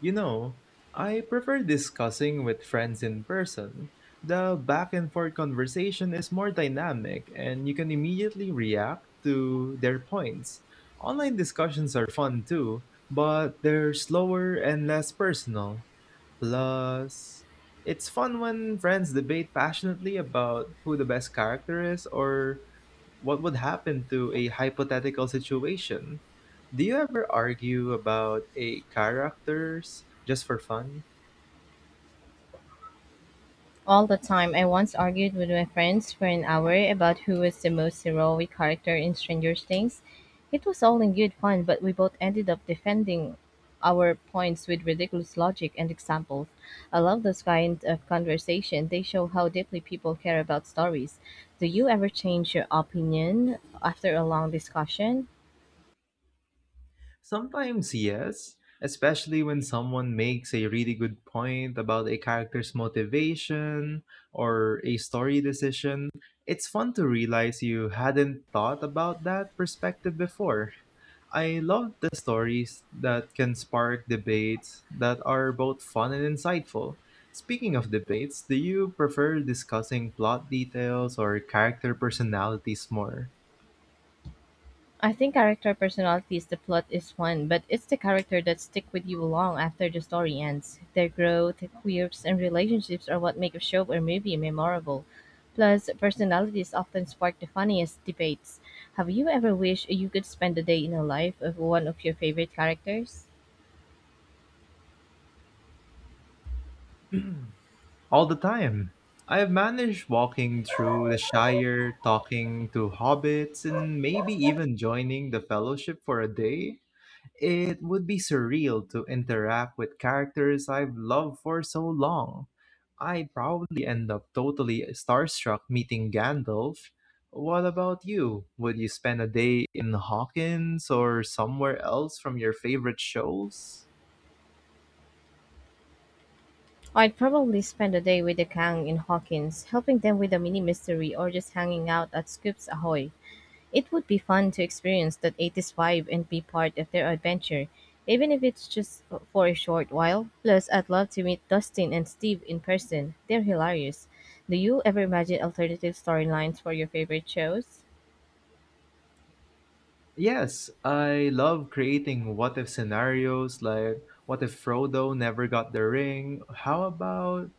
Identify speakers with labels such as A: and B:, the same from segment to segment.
A: You know, I prefer discussing with friends in person. The back and forth conversation is more dynamic and you can immediately react to their points. Online discussions are fun too, but they're slower and less personal. Plus, it's fun when friends debate passionately about who the best character is or what would happen to a hypothetical situation. Do you ever argue about a characters just for fun?
B: All the time. I once argued with my friends for an hour about who was the most heroic character in Stranger Things. It was all in good fun, but we both ended up defending our points with ridiculous logic and examples. I love those kind of conversation. They show how deeply people care about stories. Do you ever change your opinion after a long discussion?
A: Sometimes yes, especially when someone makes a really good point about a character's motivation or a story decision. It's fun to realize you hadn't thought about that perspective before. I love the stories that can spark debates that are both fun and insightful. Speaking of debates, do you prefer discussing plot details or character personalities more?
B: I think character personalities the plot is fun, but it's the character that stick with you long after the story ends. Their growth, quirks, and relationships are what make a show or movie memorable. Plus, personalities often spark the funniest debates. Have you ever wished you could spend a day in the life of one of your favorite characters?
A: All the time. I've managed walking through the Shire, talking to hobbits, and maybe even joining the Fellowship for a day. It would be surreal to interact with characters I've loved for so long. I'd probably end up totally starstruck meeting Gandalf. What about you? Would you spend a day in Hawkins or somewhere else from your favorite shows?
B: I'd probably spend a day with the Kang in Hawkins, helping them with a mini mystery or just hanging out at Scoops Ahoy. It would be fun to experience that 80s vibe and be part of their adventure, even if it's just for a short while. Plus, I'd love to meet Dustin and Steve in person. They're hilarious. Do you ever imagine alternative storylines for your favorite shows?
A: Yes, I love creating what if scenarios like what if Frodo never got the ring? How about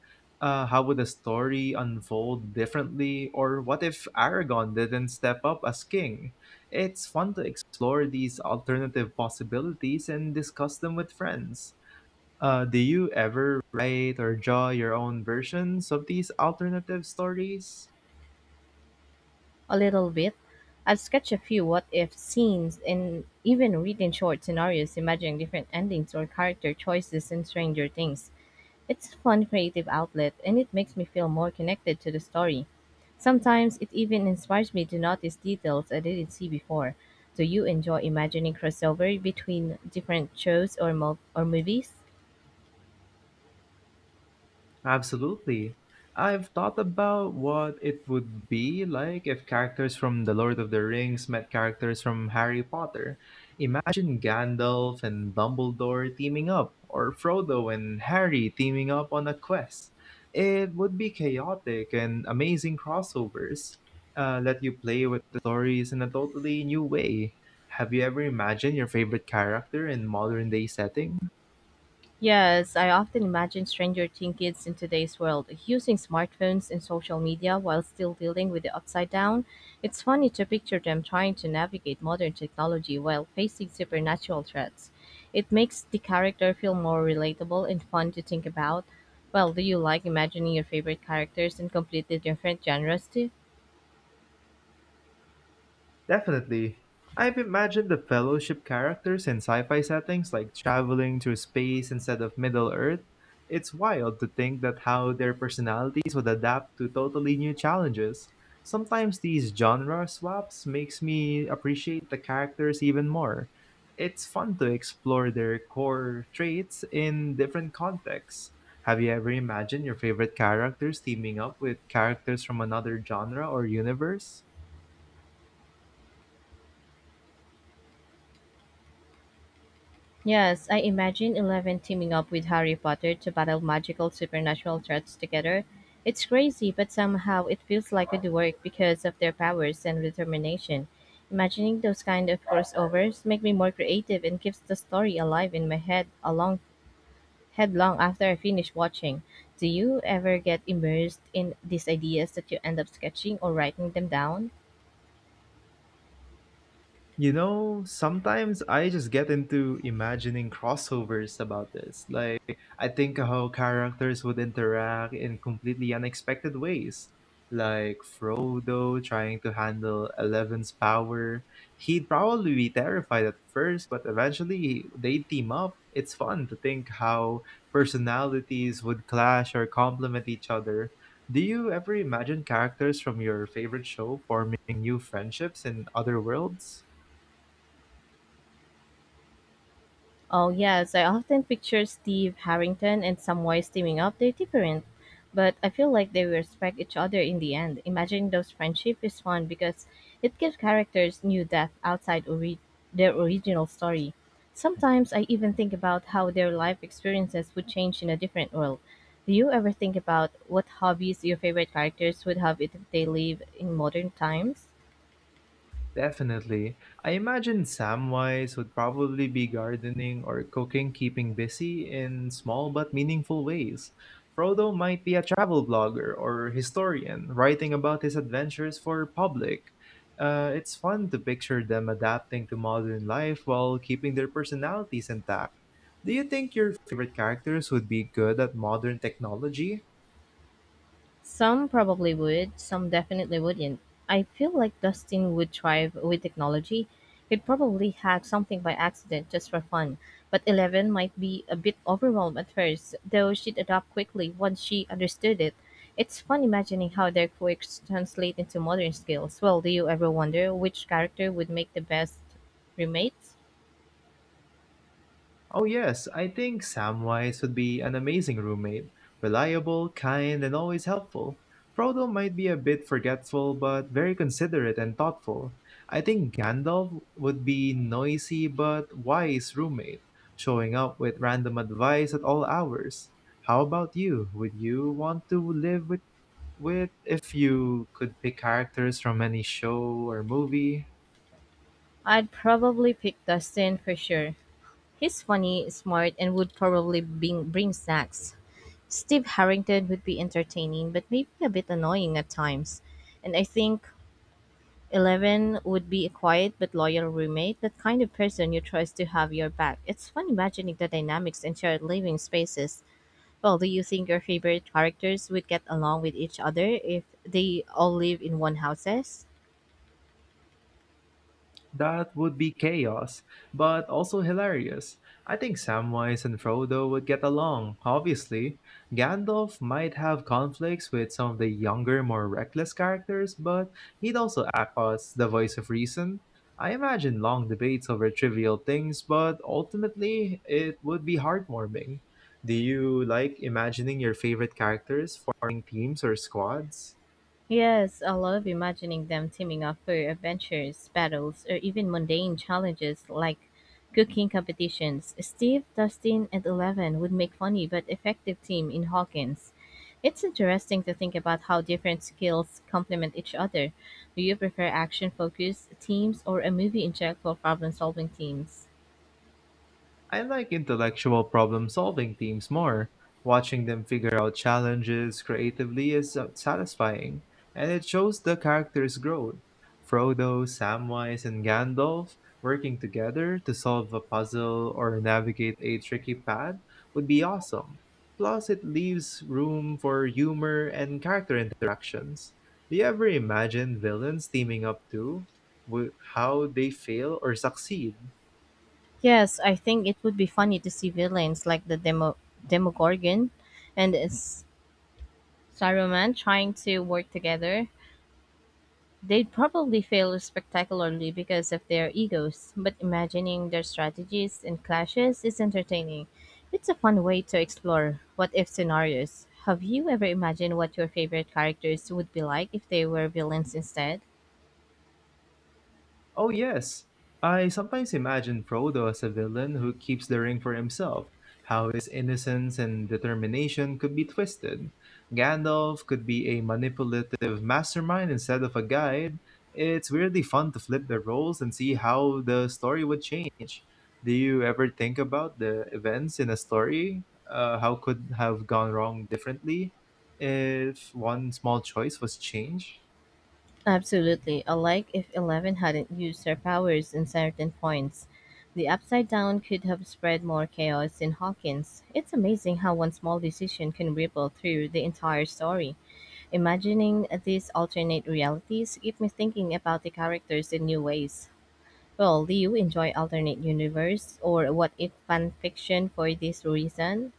A: how would the story unfold differently? Or what if Aragon didn't step up as king? It's fun to explore these alternative possibilities and discuss them with friends. Do you ever write or draw your own versions of these alternative stories?
B: A little bit. I've sketched a few what if scenes and even written short scenarios imagining different endings or character choices in Stranger Things. It's a fun creative outlet and it makes me feel more connected to the story. Sometimes it even inspires me to notice details I didn't see before. Do you enjoy imagining crossover between different shows or, or movies?
A: Absolutely. I've thought about what it would be like if characters from The Lord of the Rings met characters from Harry Potter. Imagine Gandalf and Dumbledore teaming up, or Frodo and Harry teaming up on a quest. It would be chaotic and amazing crossovers. Let you play with the stories in a totally new way. Have you ever imagined your favorite character in modern day setting?
B: Yes, I often imagine stranger teen kids in today's world using smartphones and social media while still dealing with the upside down. It's funny to picture them trying to navigate modern technology while facing supernatural threats. It makes the character feel more relatable and fun to think about. Well, do you like imagining your favorite characters in completely different genres too?
A: Definitely. I've imagined the Fellowship characters in sci fi settings like traveling through space instead of Middle Earth. It's wild to think that how their personalities would adapt to totally new challenges. Sometimes these genre swaps makes me appreciate the characters even more. It's fun to explore their core traits in different contexts. Have you ever imagined your favorite characters teaming up with characters from another genre or universe?
B: Yes, I imagine Eleven teaming up with Harry Potter to battle magical supernatural threats together. It's crazy, but somehow it feels like it would work because of their powers and determination. Imagining those kind of crossovers make me more creative and keeps the story alive in my head along head long after I finish watching. Do you ever get immersed in these ideas that you end up sketching or writing them down?
A: You know, sometimes I just get into imagining crossovers about this. Like, I think how characters would interact in completely unexpected ways. Like Frodo trying to handle Eleven's power. He'd probably be terrified at first, but eventually they team up. It's fun to think how personalities would clash or complement each other. Do you ever imagine characters from your favorite show forming new friendships in other worlds?
B: Oh, yes, I often picture Steve Harrington and Samwise teaming up. They're different, but I feel like they respect each other in the end. Imagining those friendship is fun because it gives characters new depth outside their original story. Sometimes I even think about how their life experiences would change in a different world. Do you ever think about what hobbies your favorite characters would have if they live in modern times?
A: Definitely. I imagine Samwise would probably be gardening or cooking, keeping busy in small but meaningful ways. Frodo might be a travel blogger or historian, writing about his adventures for public. It's fun to picture them adapting to modern life while keeping their personalities intact. Do you think your favorite characters would be good at modern technology?
B: Some probably would, some definitely wouldn't. I feel like Dustin would thrive with technology. He'd probably hack something by accident just for fun. But Eleven might be a bit overwhelmed at first, though she'd adapt quickly once she understood it. It's fun imagining how their quirks translate into modern skills. Well, do you ever wonder which character would make the best roommates?
A: Oh, yes, I think Samwise would be an amazing roommate. Reliable, kind, and always helpful. Frodo might be a bit forgetful, but very considerate and thoughtful. I think Gandalf would be noisy but wise roommate, showing up with random advice at all hours. How about you? Would you want to live with if you could pick characters from any show or movie?
B: I'd probably pick Dustin for sure. He's funny, smart, and would probably bring snacks. Steve Harrington would be entertaining, but maybe a bit annoying at times. And I think Eleven would be a quiet but loyal roommate, that kind of person you trust to have your back. It's fun imagining the dynamics in shared living spaces. Well, do you think your favorite characters would get along with each other if they all live in one houses?
A: That would be chaos, but also hilarious. I think Samwise and Frodo would get along, obviously. Gandalf might have conflicts with some of the younger, more reckless characters, but he'd also act as the voice of reason. I imagine long debates over trivial things, but ultimately it would be heartwarming. Do you like imagining your favorite characters forming teams or squads?
B: Yes, I love imagining them teaming up for adventures, battles, or even mundane challenges like cooking competitions. Steve, Dustin, and Eleven would make funny but effective team in Hawkins. It's interesting to think about how different skills complement each other. Do you prefer action-focused teams or a movie-injectable problem-solving teams?
A: I like intellectual problem solving teams more. Watching them figure out challenges creatively is satisfying, and it shows the characters' growth. Frodo, Samwise, and Gandalf working together to solve a puzzle or navigate a tricky path would be awesome. Plus, it leaves room for humor and character interactions. Do you ever imagine villains teaming up too? How they fail or succeed?
B: Yes, I think it would be funny to see villains like the Demogorgon and Saruman trying to work together. They'd probably fail spectacularly because of their egos, but imagining their strategies and clashes is entertaining. It's a fun way to explore what if scenarios. Have you ever imagined what your favorite characters would be like if they were villains instead?
A: Oh, yes. I sometimes imagine Frodo as a villain who keeps the ring for himself, how his innocence and determination could be twisted. Gandalf could be a manipulative mastermind instead of a guide. It's weirdly fun to flip the roles and see how the story would change. Do you ever think about the events in a story? How could have gone wrong differently if one small choice was changed?
B: Absolutely. I like if Eleven hadn't used her powers in certain points. The upside down could have spread more chaos in Hawkins. It's amazing how one small decision can ripple through the entire story. Imagining these alternate realities get me thinking about the characters in new ways. Well, do you enjoy alternate universe or what if fan fiction for this reason?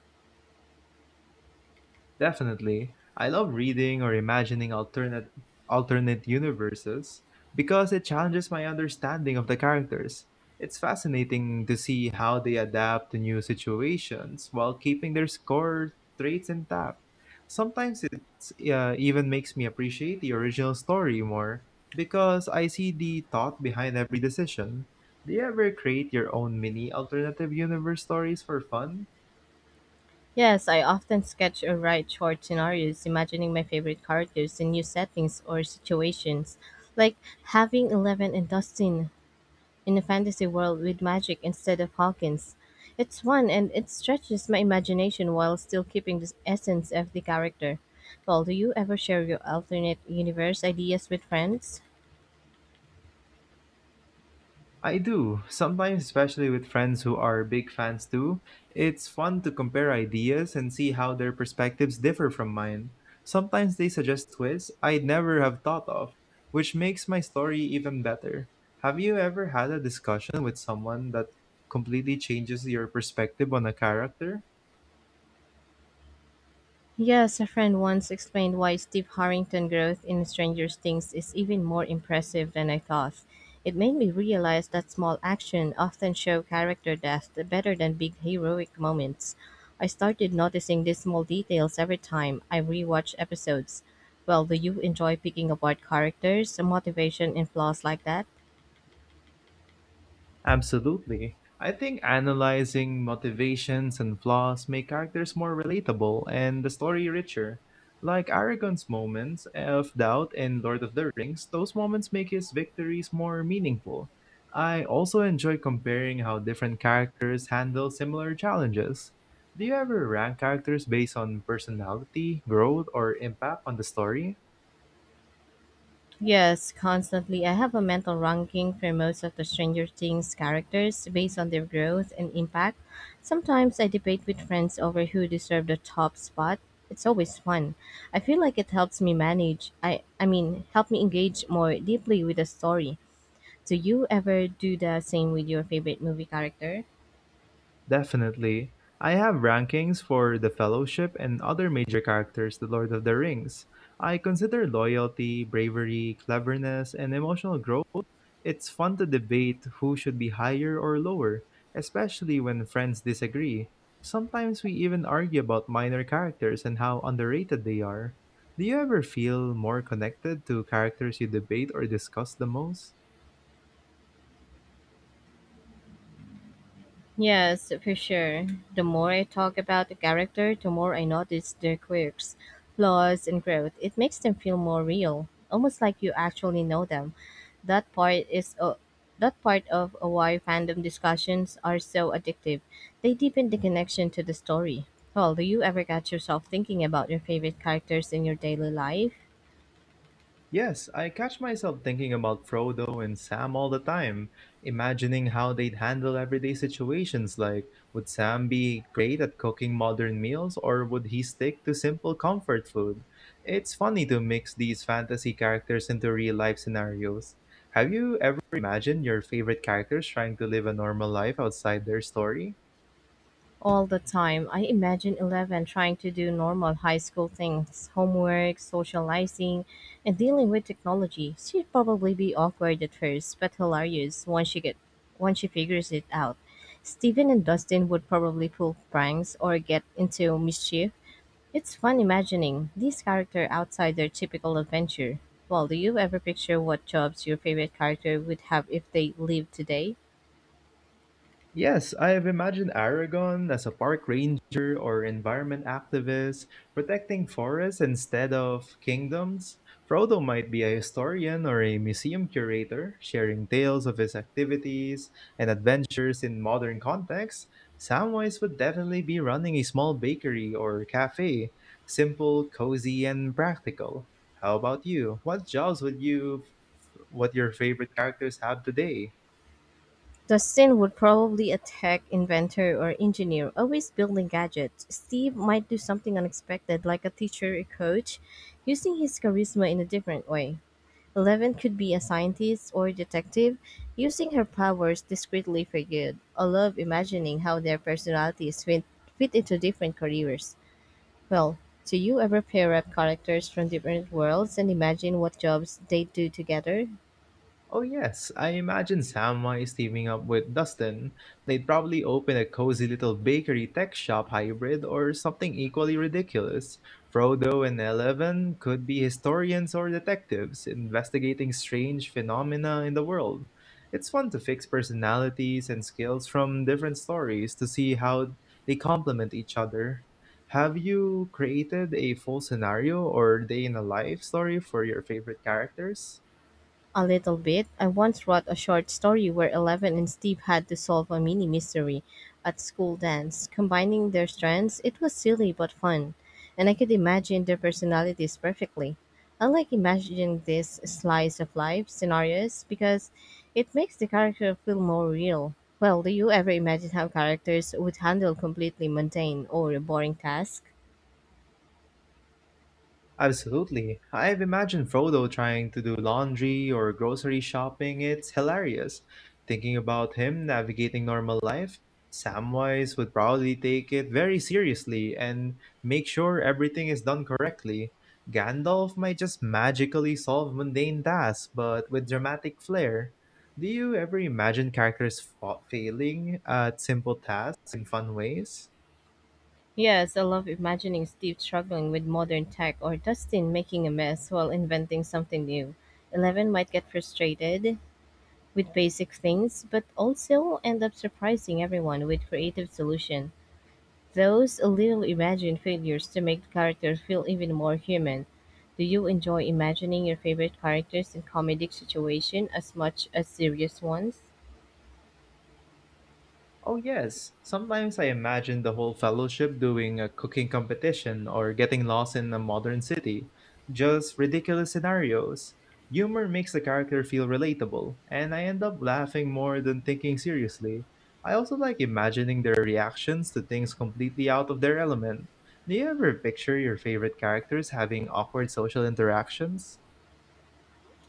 A: Definitely. I love reading or imagining alternate universes because it challenges my understanding of the characters. It's fascinating to see how they adapt to new situations while keeping their core traits intact. Sometimes it even makes me appreciate the original story more because I see the thought behind every decision. Do you ever create your own mini alternative universe stories for fun?
B: Yes, I often sketch or write short scenarios imagining my favorite characters in new settings or situations, like having Eleven and Dustin in a fantasy world with magic instead of Hawkins. It's fun and it stretches my imagination while still keeping the essence of the character. Well, do you ever share your alternate universe ideas with friends?
A: I do, sometimes, especially with friends who are big fans too. It's fun to compare ideas and see how their perspectives differ from mine. Sometimes they suggest twists I'd never have thought of, which makes my story even better. Have you ever had a discussion with someone that completely changes your perspective on a character?
B: Yes, a friend once explained why Steve Harrington growth in Stranger Things is even more impressive than I thought. It made me realize that small action often show character depth better than big heroic moments. I started noticing these small details every time I rewatch episodes. Well, do you enjoy picking apart characters, motivation, and flaws like that?
A: Absolutely. I think analyzing motivations and flaws make characters more relatable and the story richer. Like Aragon's moments of doubt in Lord of the Rings, those moments make his victories more meaningful. I also enjoy comparing how different characters handle similar challenges. Do you ever rank characters based on personality, growth, or impact on the story?
B: Yes, constantly. I have a mental ranking for most of the Stranger Things characters based on their growth and impact. Sometimes I debate with friends over who deserved the top spot. It's always fun. I feel like it helps me manage. I mean, help me engage more deeply with the story. Do you ever do the same with your favorite movie character?
A: Definitely. I have rankings for The Fellowship and other major characters, The Lord of the Rings. I consider loyalty, bravery, cleverness, and emotional growth. It's fun to debate who should be higher or lower, especially when friends disagree. Sometimes we even argue about minor characters and how underrated they are. Do you ever feel more connected to characters you debate or discuss the most?
B: Yes, for sure. The more I talk about the character, the more I notice their quirks, flaws, and growth. It makes them feel more real, almost like you actually know them. That part is, that part of why fandom discussions are so addictive. They deepen the connection to the story. Well, do you ever catch yourself thinking about your favorite characters in your daily life?
A: Yes, I catch myself thinking about Frodo and Sam all the time, imagining how they'd handle everyday situations like would Sam be great at cooking modern meals or would he stick to simple comfort food? It's funny to mix these fantasy characters into real life scenarios. Have you ever imagined your favorite characters trying to live a normal life outside their story?
B: All the time. I imagine Eleven trying to do normal high school things homework, socializing, and dealing with technology. She'd probably be awkward at first, but hilarious once she figures it out. Steven and Dustin would probably pull pranks or get into mischief. It's fun imagining these character outside their typical adventure. Well, do you ever picture what jobs your favorite character would have if they lived today?
A: Yes, I have imagined Aragon as a park ranger or environment activist protecting forests instead of kingdoms. Frodo might be a historian or a museum curator, sharing tales of his activities and adventures in modern contexts. Samwise would definitely be running a small bakery or cafe, simple, cozy, and practical. How about you? What jobs would you, what your favorite characters have today?
B: The Sin would probably attack inventor or engineer always building gadgets. Steve might do something unexpected like a teacher or coach, using his charisma in a different way. Eleven could be a scientist or detective, using her powers discreetly for good. I love imagining how their personalities fit into different careers. Well, do you ever pair up characters from different worlds and imagine what jobs they do together?
A: Oh, yes. I imagine Samwise is teaming up with Dustin. They'd probably open a cozy little bakery tech shop hybrid or something equally ridiculous. Frodo and Eleven could be historians or detectives investigating strange phenomena in the world. It's fun to fix personalities and skills from different stories to see how they complement each other. Have you created a full scenario or day in a life story for your favorite characters?
B: A little bit. I once wrote a short story where Eleven and Steve had to solve a mini mystery at school dance, combining their strengths. It was silly but fun, and I could imagine their personalities perfectly. I like imagining these slice of life scenarios because it makes the character feel more real. Well, do you ever imagine how characters would handle completely mundane or boring tasks?
A: Absolutely. I've imagined Frodo trying to do laundry or grocery shopping. It's hilarious. Thinking about him navigating normal life, Samwise would probably take it very seriously and make sure everything is done correctly. Gandalf might just magically solve mundane tasks, but with dramatic flair. Do you ever imagine characters failing at simple tasks in fun ways?
B: Yes, I love imagining Steve struggling with modern tech or Dustin making a mess while inventing something new. Eleven might get frustrated with basic things, but also end up surprising everyone with creative solution. Those little imagined failures to make the characters feel even more human. Do you enjoy imagining your favorite characters in comedic situation as much as serious ones?
A: Oh, yes. Sometimes I imagine the whole fellowship doing a cooking competition or getting lost in a modern city. Just ridiculous scenarios. Humor makes the character feel relatable, and I end up laughing more than thinking seriously. I also like imagining their reactions to things completely out of their element. Do you ever picture your favorite characters having awkward social interactions?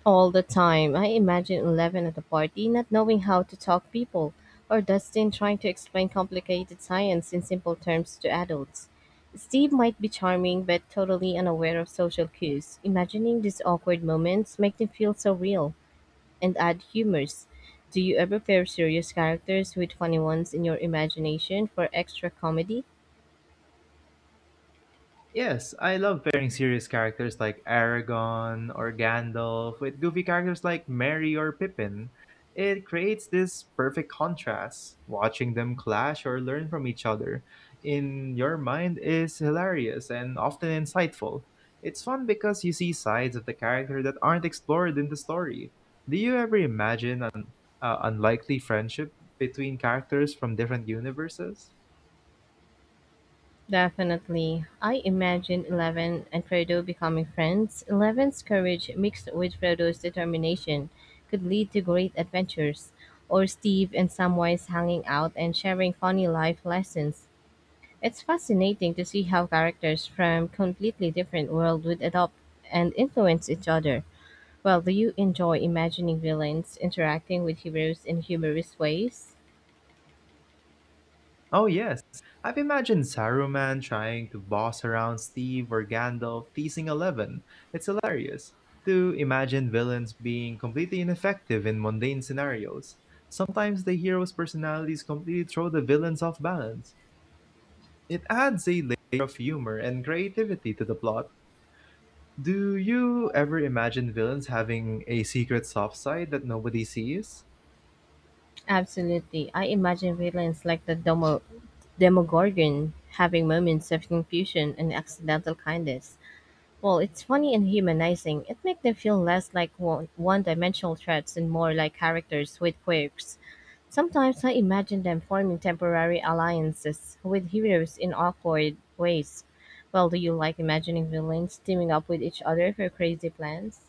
B: All the time. I imagine Eleven at a party not knowing how to talk people, or Dustin trying to explain complicated science in simple terms to adults. Steve might be charming but totally unaware of social cues. Imagining these awkward moments make them feel so real and add humors. Do you ever pair serious characters with funny ones in your imagination for extra comedy?
A: Yes, I love pairing serious characters like Aragon or Gandalf with goofy characters like Merry or Pippin. It creates this perfect contrast. Watching them clash or learn from each other in your mind is hilarious and often insightful. It's fun because you see sides of the character that aren't explored in the story. Do you ever imagine an unlikely friendship between characters from different universes?
B: Definitely. I imagine Eleven and Frodo becoming friends. Eleven's courage mixed with Frodo's determination could lead to great adventures, or Steve and Samwise hanging out and sharing funny life lessons. It's fascinating to see how characters from completely different worlds would adopt and influence each other. Well, do you enjoy imagining villains interacting with heroes in humorous ways?
A: Oh, yes. I've imagined Saruman trying to boss around Steve or Gandalf teasing Eleven. It's hilarious to imagine villains being completely ineffective in mundane scenarios. Sometimes the hero's personalities completely throw the villains off balance. It adds a layer of humor and creativity to the plot. Do you ever imagine villains having a secret soft side that nobody sees?
B: Absolutely. I imagine villains like the Demogorgon having moments of confusion and accidental kindness. Well, it's funny and humanizing. It makes them feel less like one dimensional threats and more like characters with quirks. Sometimes I imagine them forming temporary alliances with heroes in awkward ways. Well, do you like imagining villains teaming up with each other for crazy plans?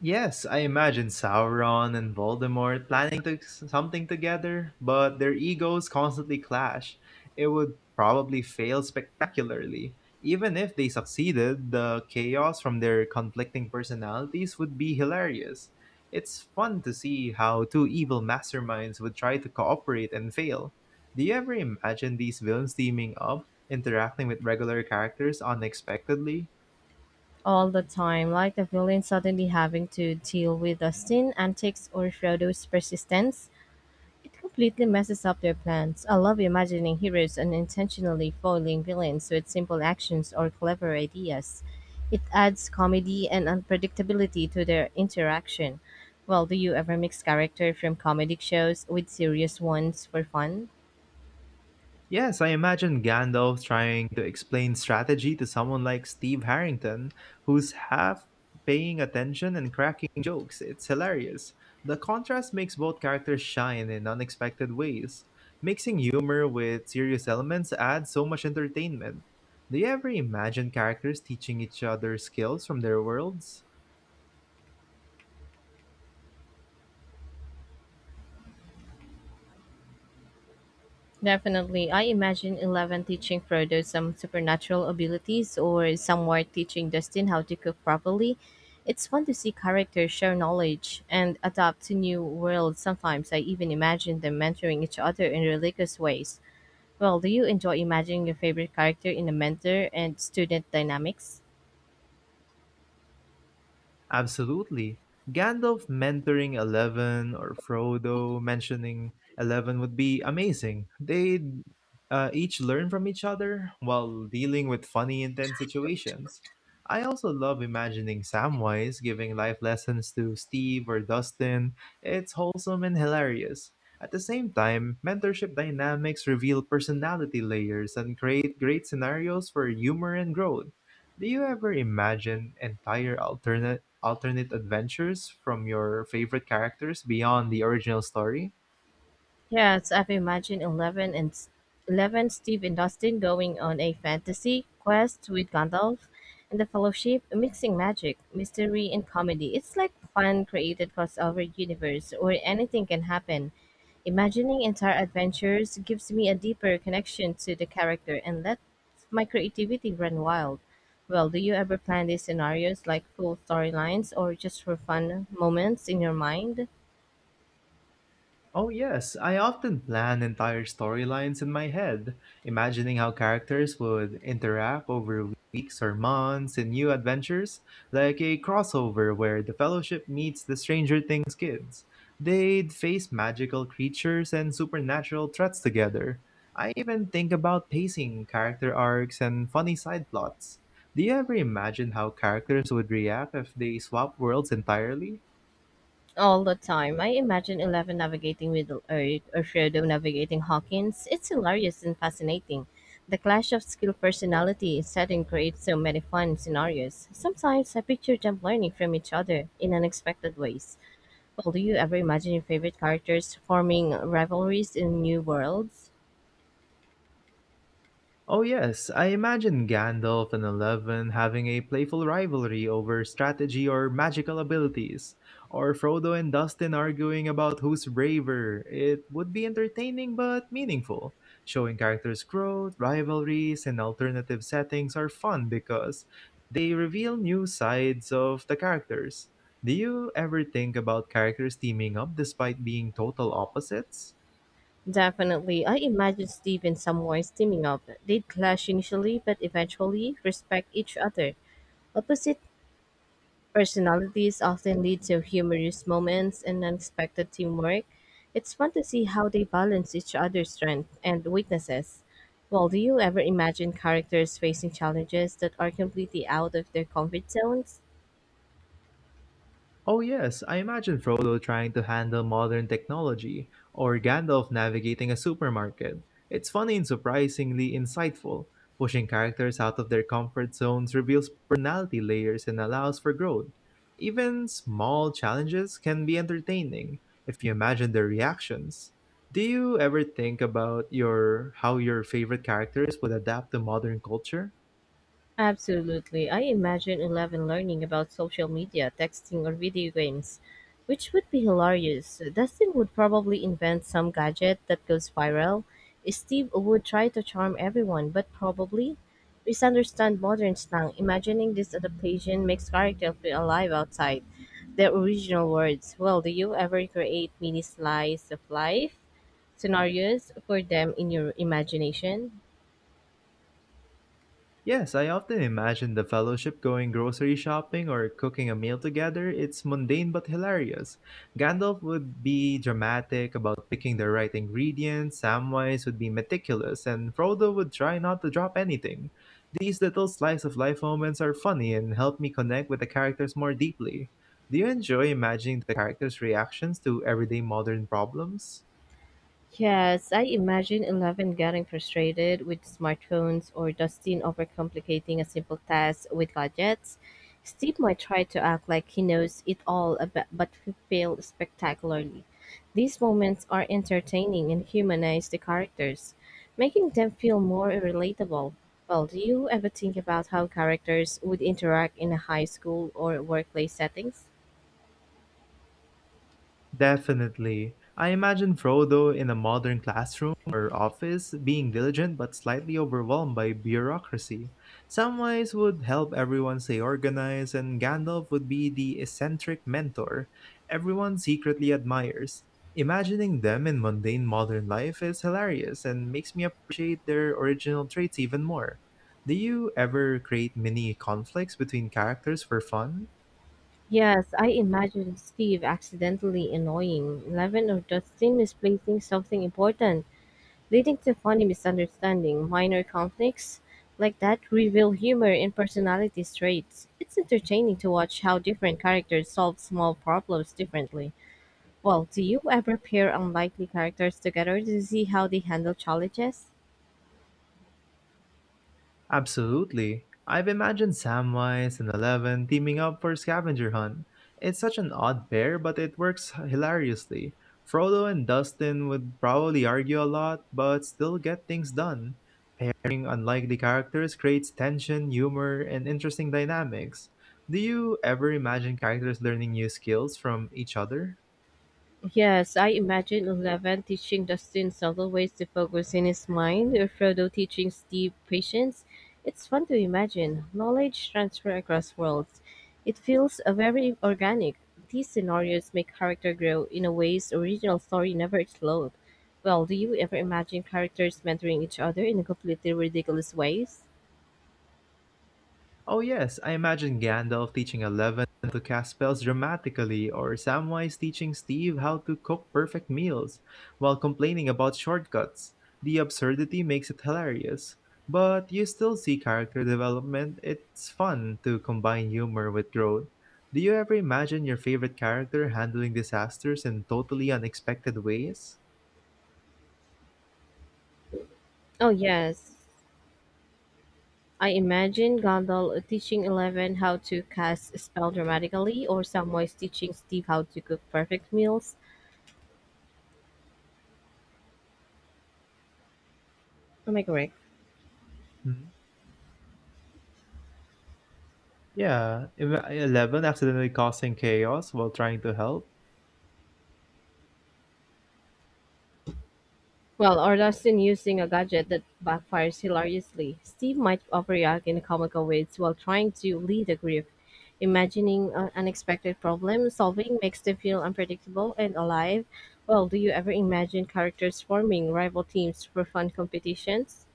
A: Yes, I imagine Sauron and Voldemort planning to something together, but their egos constantly clash. It would probably fail spectacularly. Even if they succeeded, the chaos from their conflicting personalities would be hilarious. It's fun to see how two evil masterminds would try to cooperate and fail. Do you ever imagine these villains teaming up, interacting with regular characters unexpectedly?
B: All the time, like the villain suddenly having to deal with Dustin's antics or Frodo's persistence. It completely messes up their plans. I love imagining heroes unintentionally foiling villains with simple actions or clever ideas. It adds comedy and unpredictability to their interaction. Well, do you ever mix character from comedic shows with serious ones for fun?
A: Yes, I imagine Gandalf trying to explain strategy to someone like Steve Harrington, who's half paying attention and cracking jokes. It's hilarious. The contrast makes both characters shine in unexpected ways. Mixing humor with serious elements adds so much entertainment. Do you ever imagine characters teaching each other skills from their worlds?
B: Definitely. I imagine Eleven teaching Frodo some supernatural abilities or somewhere teaching Dustin how to cook properly. It's fun to see characters share knowledge and adapt to new worlds. Sometimes I even imagine them mentoring each other in religious ways. Well, do you enjoy imagining your favorite character in a mentor and student dynamics?
A: Absolutely. Gandalf mentoring Eleven or Frodo mentioning Eleven would be amazing. They'd each learn from each other while dealing with funny, intense situations. I also love imagining Samwise giving life lessons to Steve or Dustin. It's wholesome and hilarious. At the same time, mentorship dynamics reveal personality layers and create great scenarios for humor and growth. Do you ever imagine entire alternate adventures from your favorite characters beyond the original story?
B: Yes, I've imagined Eleven, Steve, and Dustin going on a fantasy quest with Gandalf and the Fellowship, mixing magic, mystery, and comedy. It's like fun created crossover universe where anything can happen. Imagining entire adventures gives me a deeper connection to the character and lets my creativity run wild. Well, do you ever plan these scenarios like full storylines or just for fun moments in your mind?
A: Oh, yes, I often plan entire storylines in my head, imagining how characters would interact over weeks or months in new adventures, like a crossover where the Fellowship meets the Stranger Things kids. They'd face magical creatures and supernatural threats together. I even think about pacing character arcs and funny side plots. Do you ever imagine how characters would react if they swap worlds entirely?
B: All the time. I imagine Eleven navigating Middle Earth or Frodo navigating Hawkins. It's hilarious and fascinating. The clash of skill personality setting creates so many fun scenarios. Sometimes I picture them learning from each other in unexpected ways. Well, do you ever imagine your favorite characters forming rivalries in new worlds?
A: Oh, yes, I imagine Gandalf and Eleven having a playful rivalry over strategy or magical abilities, or Frodo and Dustin arguing about who's braver. It would be entertaining but meaningful. Showing characters' growth, rivalries, and alternative settings are fun because they reveal new sides of the characters. Do you ever think about characters teaming up despite being total opposites?
B: Definitely. I imagine Steve and Samwise teaming up. They'd clash initially, but eventually respect each other. Opposite personalities often lead to humorous moments and unexpected teamwork. It's fun to see how they balance each other's strengths and weaknesses. Well, do you ever imagine characters facing challenges that are completely out of their comfort zones?
A: Oh, yes, I imagine Frodo trying to handle modern technology, or Gandalf navigating a supermarket. It's funny and surprisingly insightful. Pushing characters out of their comfort zones reveals personality layers and allows for growth. Even small challenges can be entertaining if you imagine their reactions. Do you ever think about your how your favorite characters would adapt to modern culture?
B: Absolutely. I imagine Eleven learning about social media, texting, or video games, which would be hilarious. Dustin would probably invent some gadget that goes viral. Steve would try to charm everyone, but probably misunderstand modern slang. Imagining this adaptation makes characters feel alive outside their original words. Well, do you ever create mini slice of life scenarios for them in your imagination?
A: Yes, I often imagine the fellowship going grocery shopping or cooking a meal together. It's mundane but hilarious. Gandalf would be dramatic about picking the right ingredients, Samwise would be meticulous, and Frodo would try not to drop anything. These little slice of life moments are funny and help me connect with the characters more deeply. Do you enjoy imagining the characters' reactions to everyday modern problems?
B: Yes, I imagine Eleven getting frustrated with smartphones or Dustin overcomplicating a simple task with gadgets. Steve might try to act like he knows it all about, but fail spectacularly. These moments are entertaining and humanize the characters, making them feel more relatable. Well, do you ever think about how characters would interact in a high school or workplace settings?
A: Definitely. I imagine Frodo in a modern classroom or office being diligent but slightly overwhelmed by bureaucracy. Samwise would help everyone stay organized, and Gandalf would be the eccentric mentor everyone secretly admires. Imagining them in mundane modern life is hilarious and makes me appreciate their original traits even more. Do you ever create mini conflicts between characters for fun?
B: Yes, I imagine Steve accidentally annoying Levin or Dustin misplacing something important, leading to funny misunderstanding. Minor conflicts like that reveal humor and personality traits. It's entertaining to watch how different characters solve small problems differently. Well, do you ever pair unlikely characters together to see how they handle challenges?
A: Absolutely. I've imagined Samwise and Eleven teaming up for a scavenger hunt. It's such an odd pair, but it works hilariously. Frodo and Dustin would probably argue a lot, but still get things done. Pairing unlikely characters creates tension, humor, and interesting dynamics. Do you ever imagine characters learning new skills from each other?
B: Yes, I imagine Eleven teaching the students subtle ways to focus in his mind, or Frodo teaching Steve patience. It's fun to imagine knowledge transfer across worlds. It feels very organic. These scenarios make character grow in a ways original story never explored. Well, do you ever imagine characters mentoring each other in completely ridiculous ways?
A: Oh yes, I imagine Gandalf teaching Eleven to cast spells dramatically, or Samwise teaching Steve how to cook perfect meals, while complaining about shortcuts. The absurdity makes it hilarious. But you still see character development. It's fun to combine humor with growth. Do you ever imagine your favorite character handling disasters in totally unexpected ways?
B: Oh yes, I imagine Gondal teaching Eleven how to cast a spell dramatically, or Samwise teaching Steve how to cook perfect meals. Am I correct?
A: Hmm. Yeah, Eleven accidentally causing chaos while trying to help.
B: Well, or Dustin using a gadget that backfires hilariously. Steve might overreact in comical ways while trying to lead a group. Imagining unexpected problem solving makes them feel unpredictable and alive. Well, do you ever imagine characters forming rival teams for fun competitions?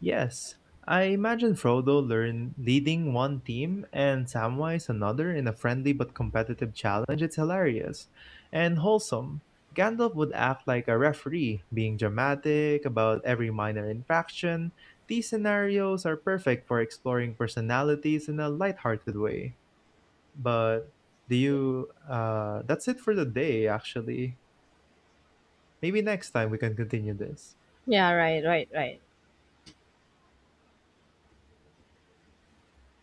A: Yes, I imagine Frodo learn leading one team and Samwise another in a friendly but competitive challenge. It's hilarious and wholesome. Gandalf would act like a referee, being dramatic about every minor infraction. These scenarios are perfect for exploring personalities in a lighthearted way. But do you? That's it for the day, actually. Maybe next time we can continue this.
B: Yeah, right, right, right.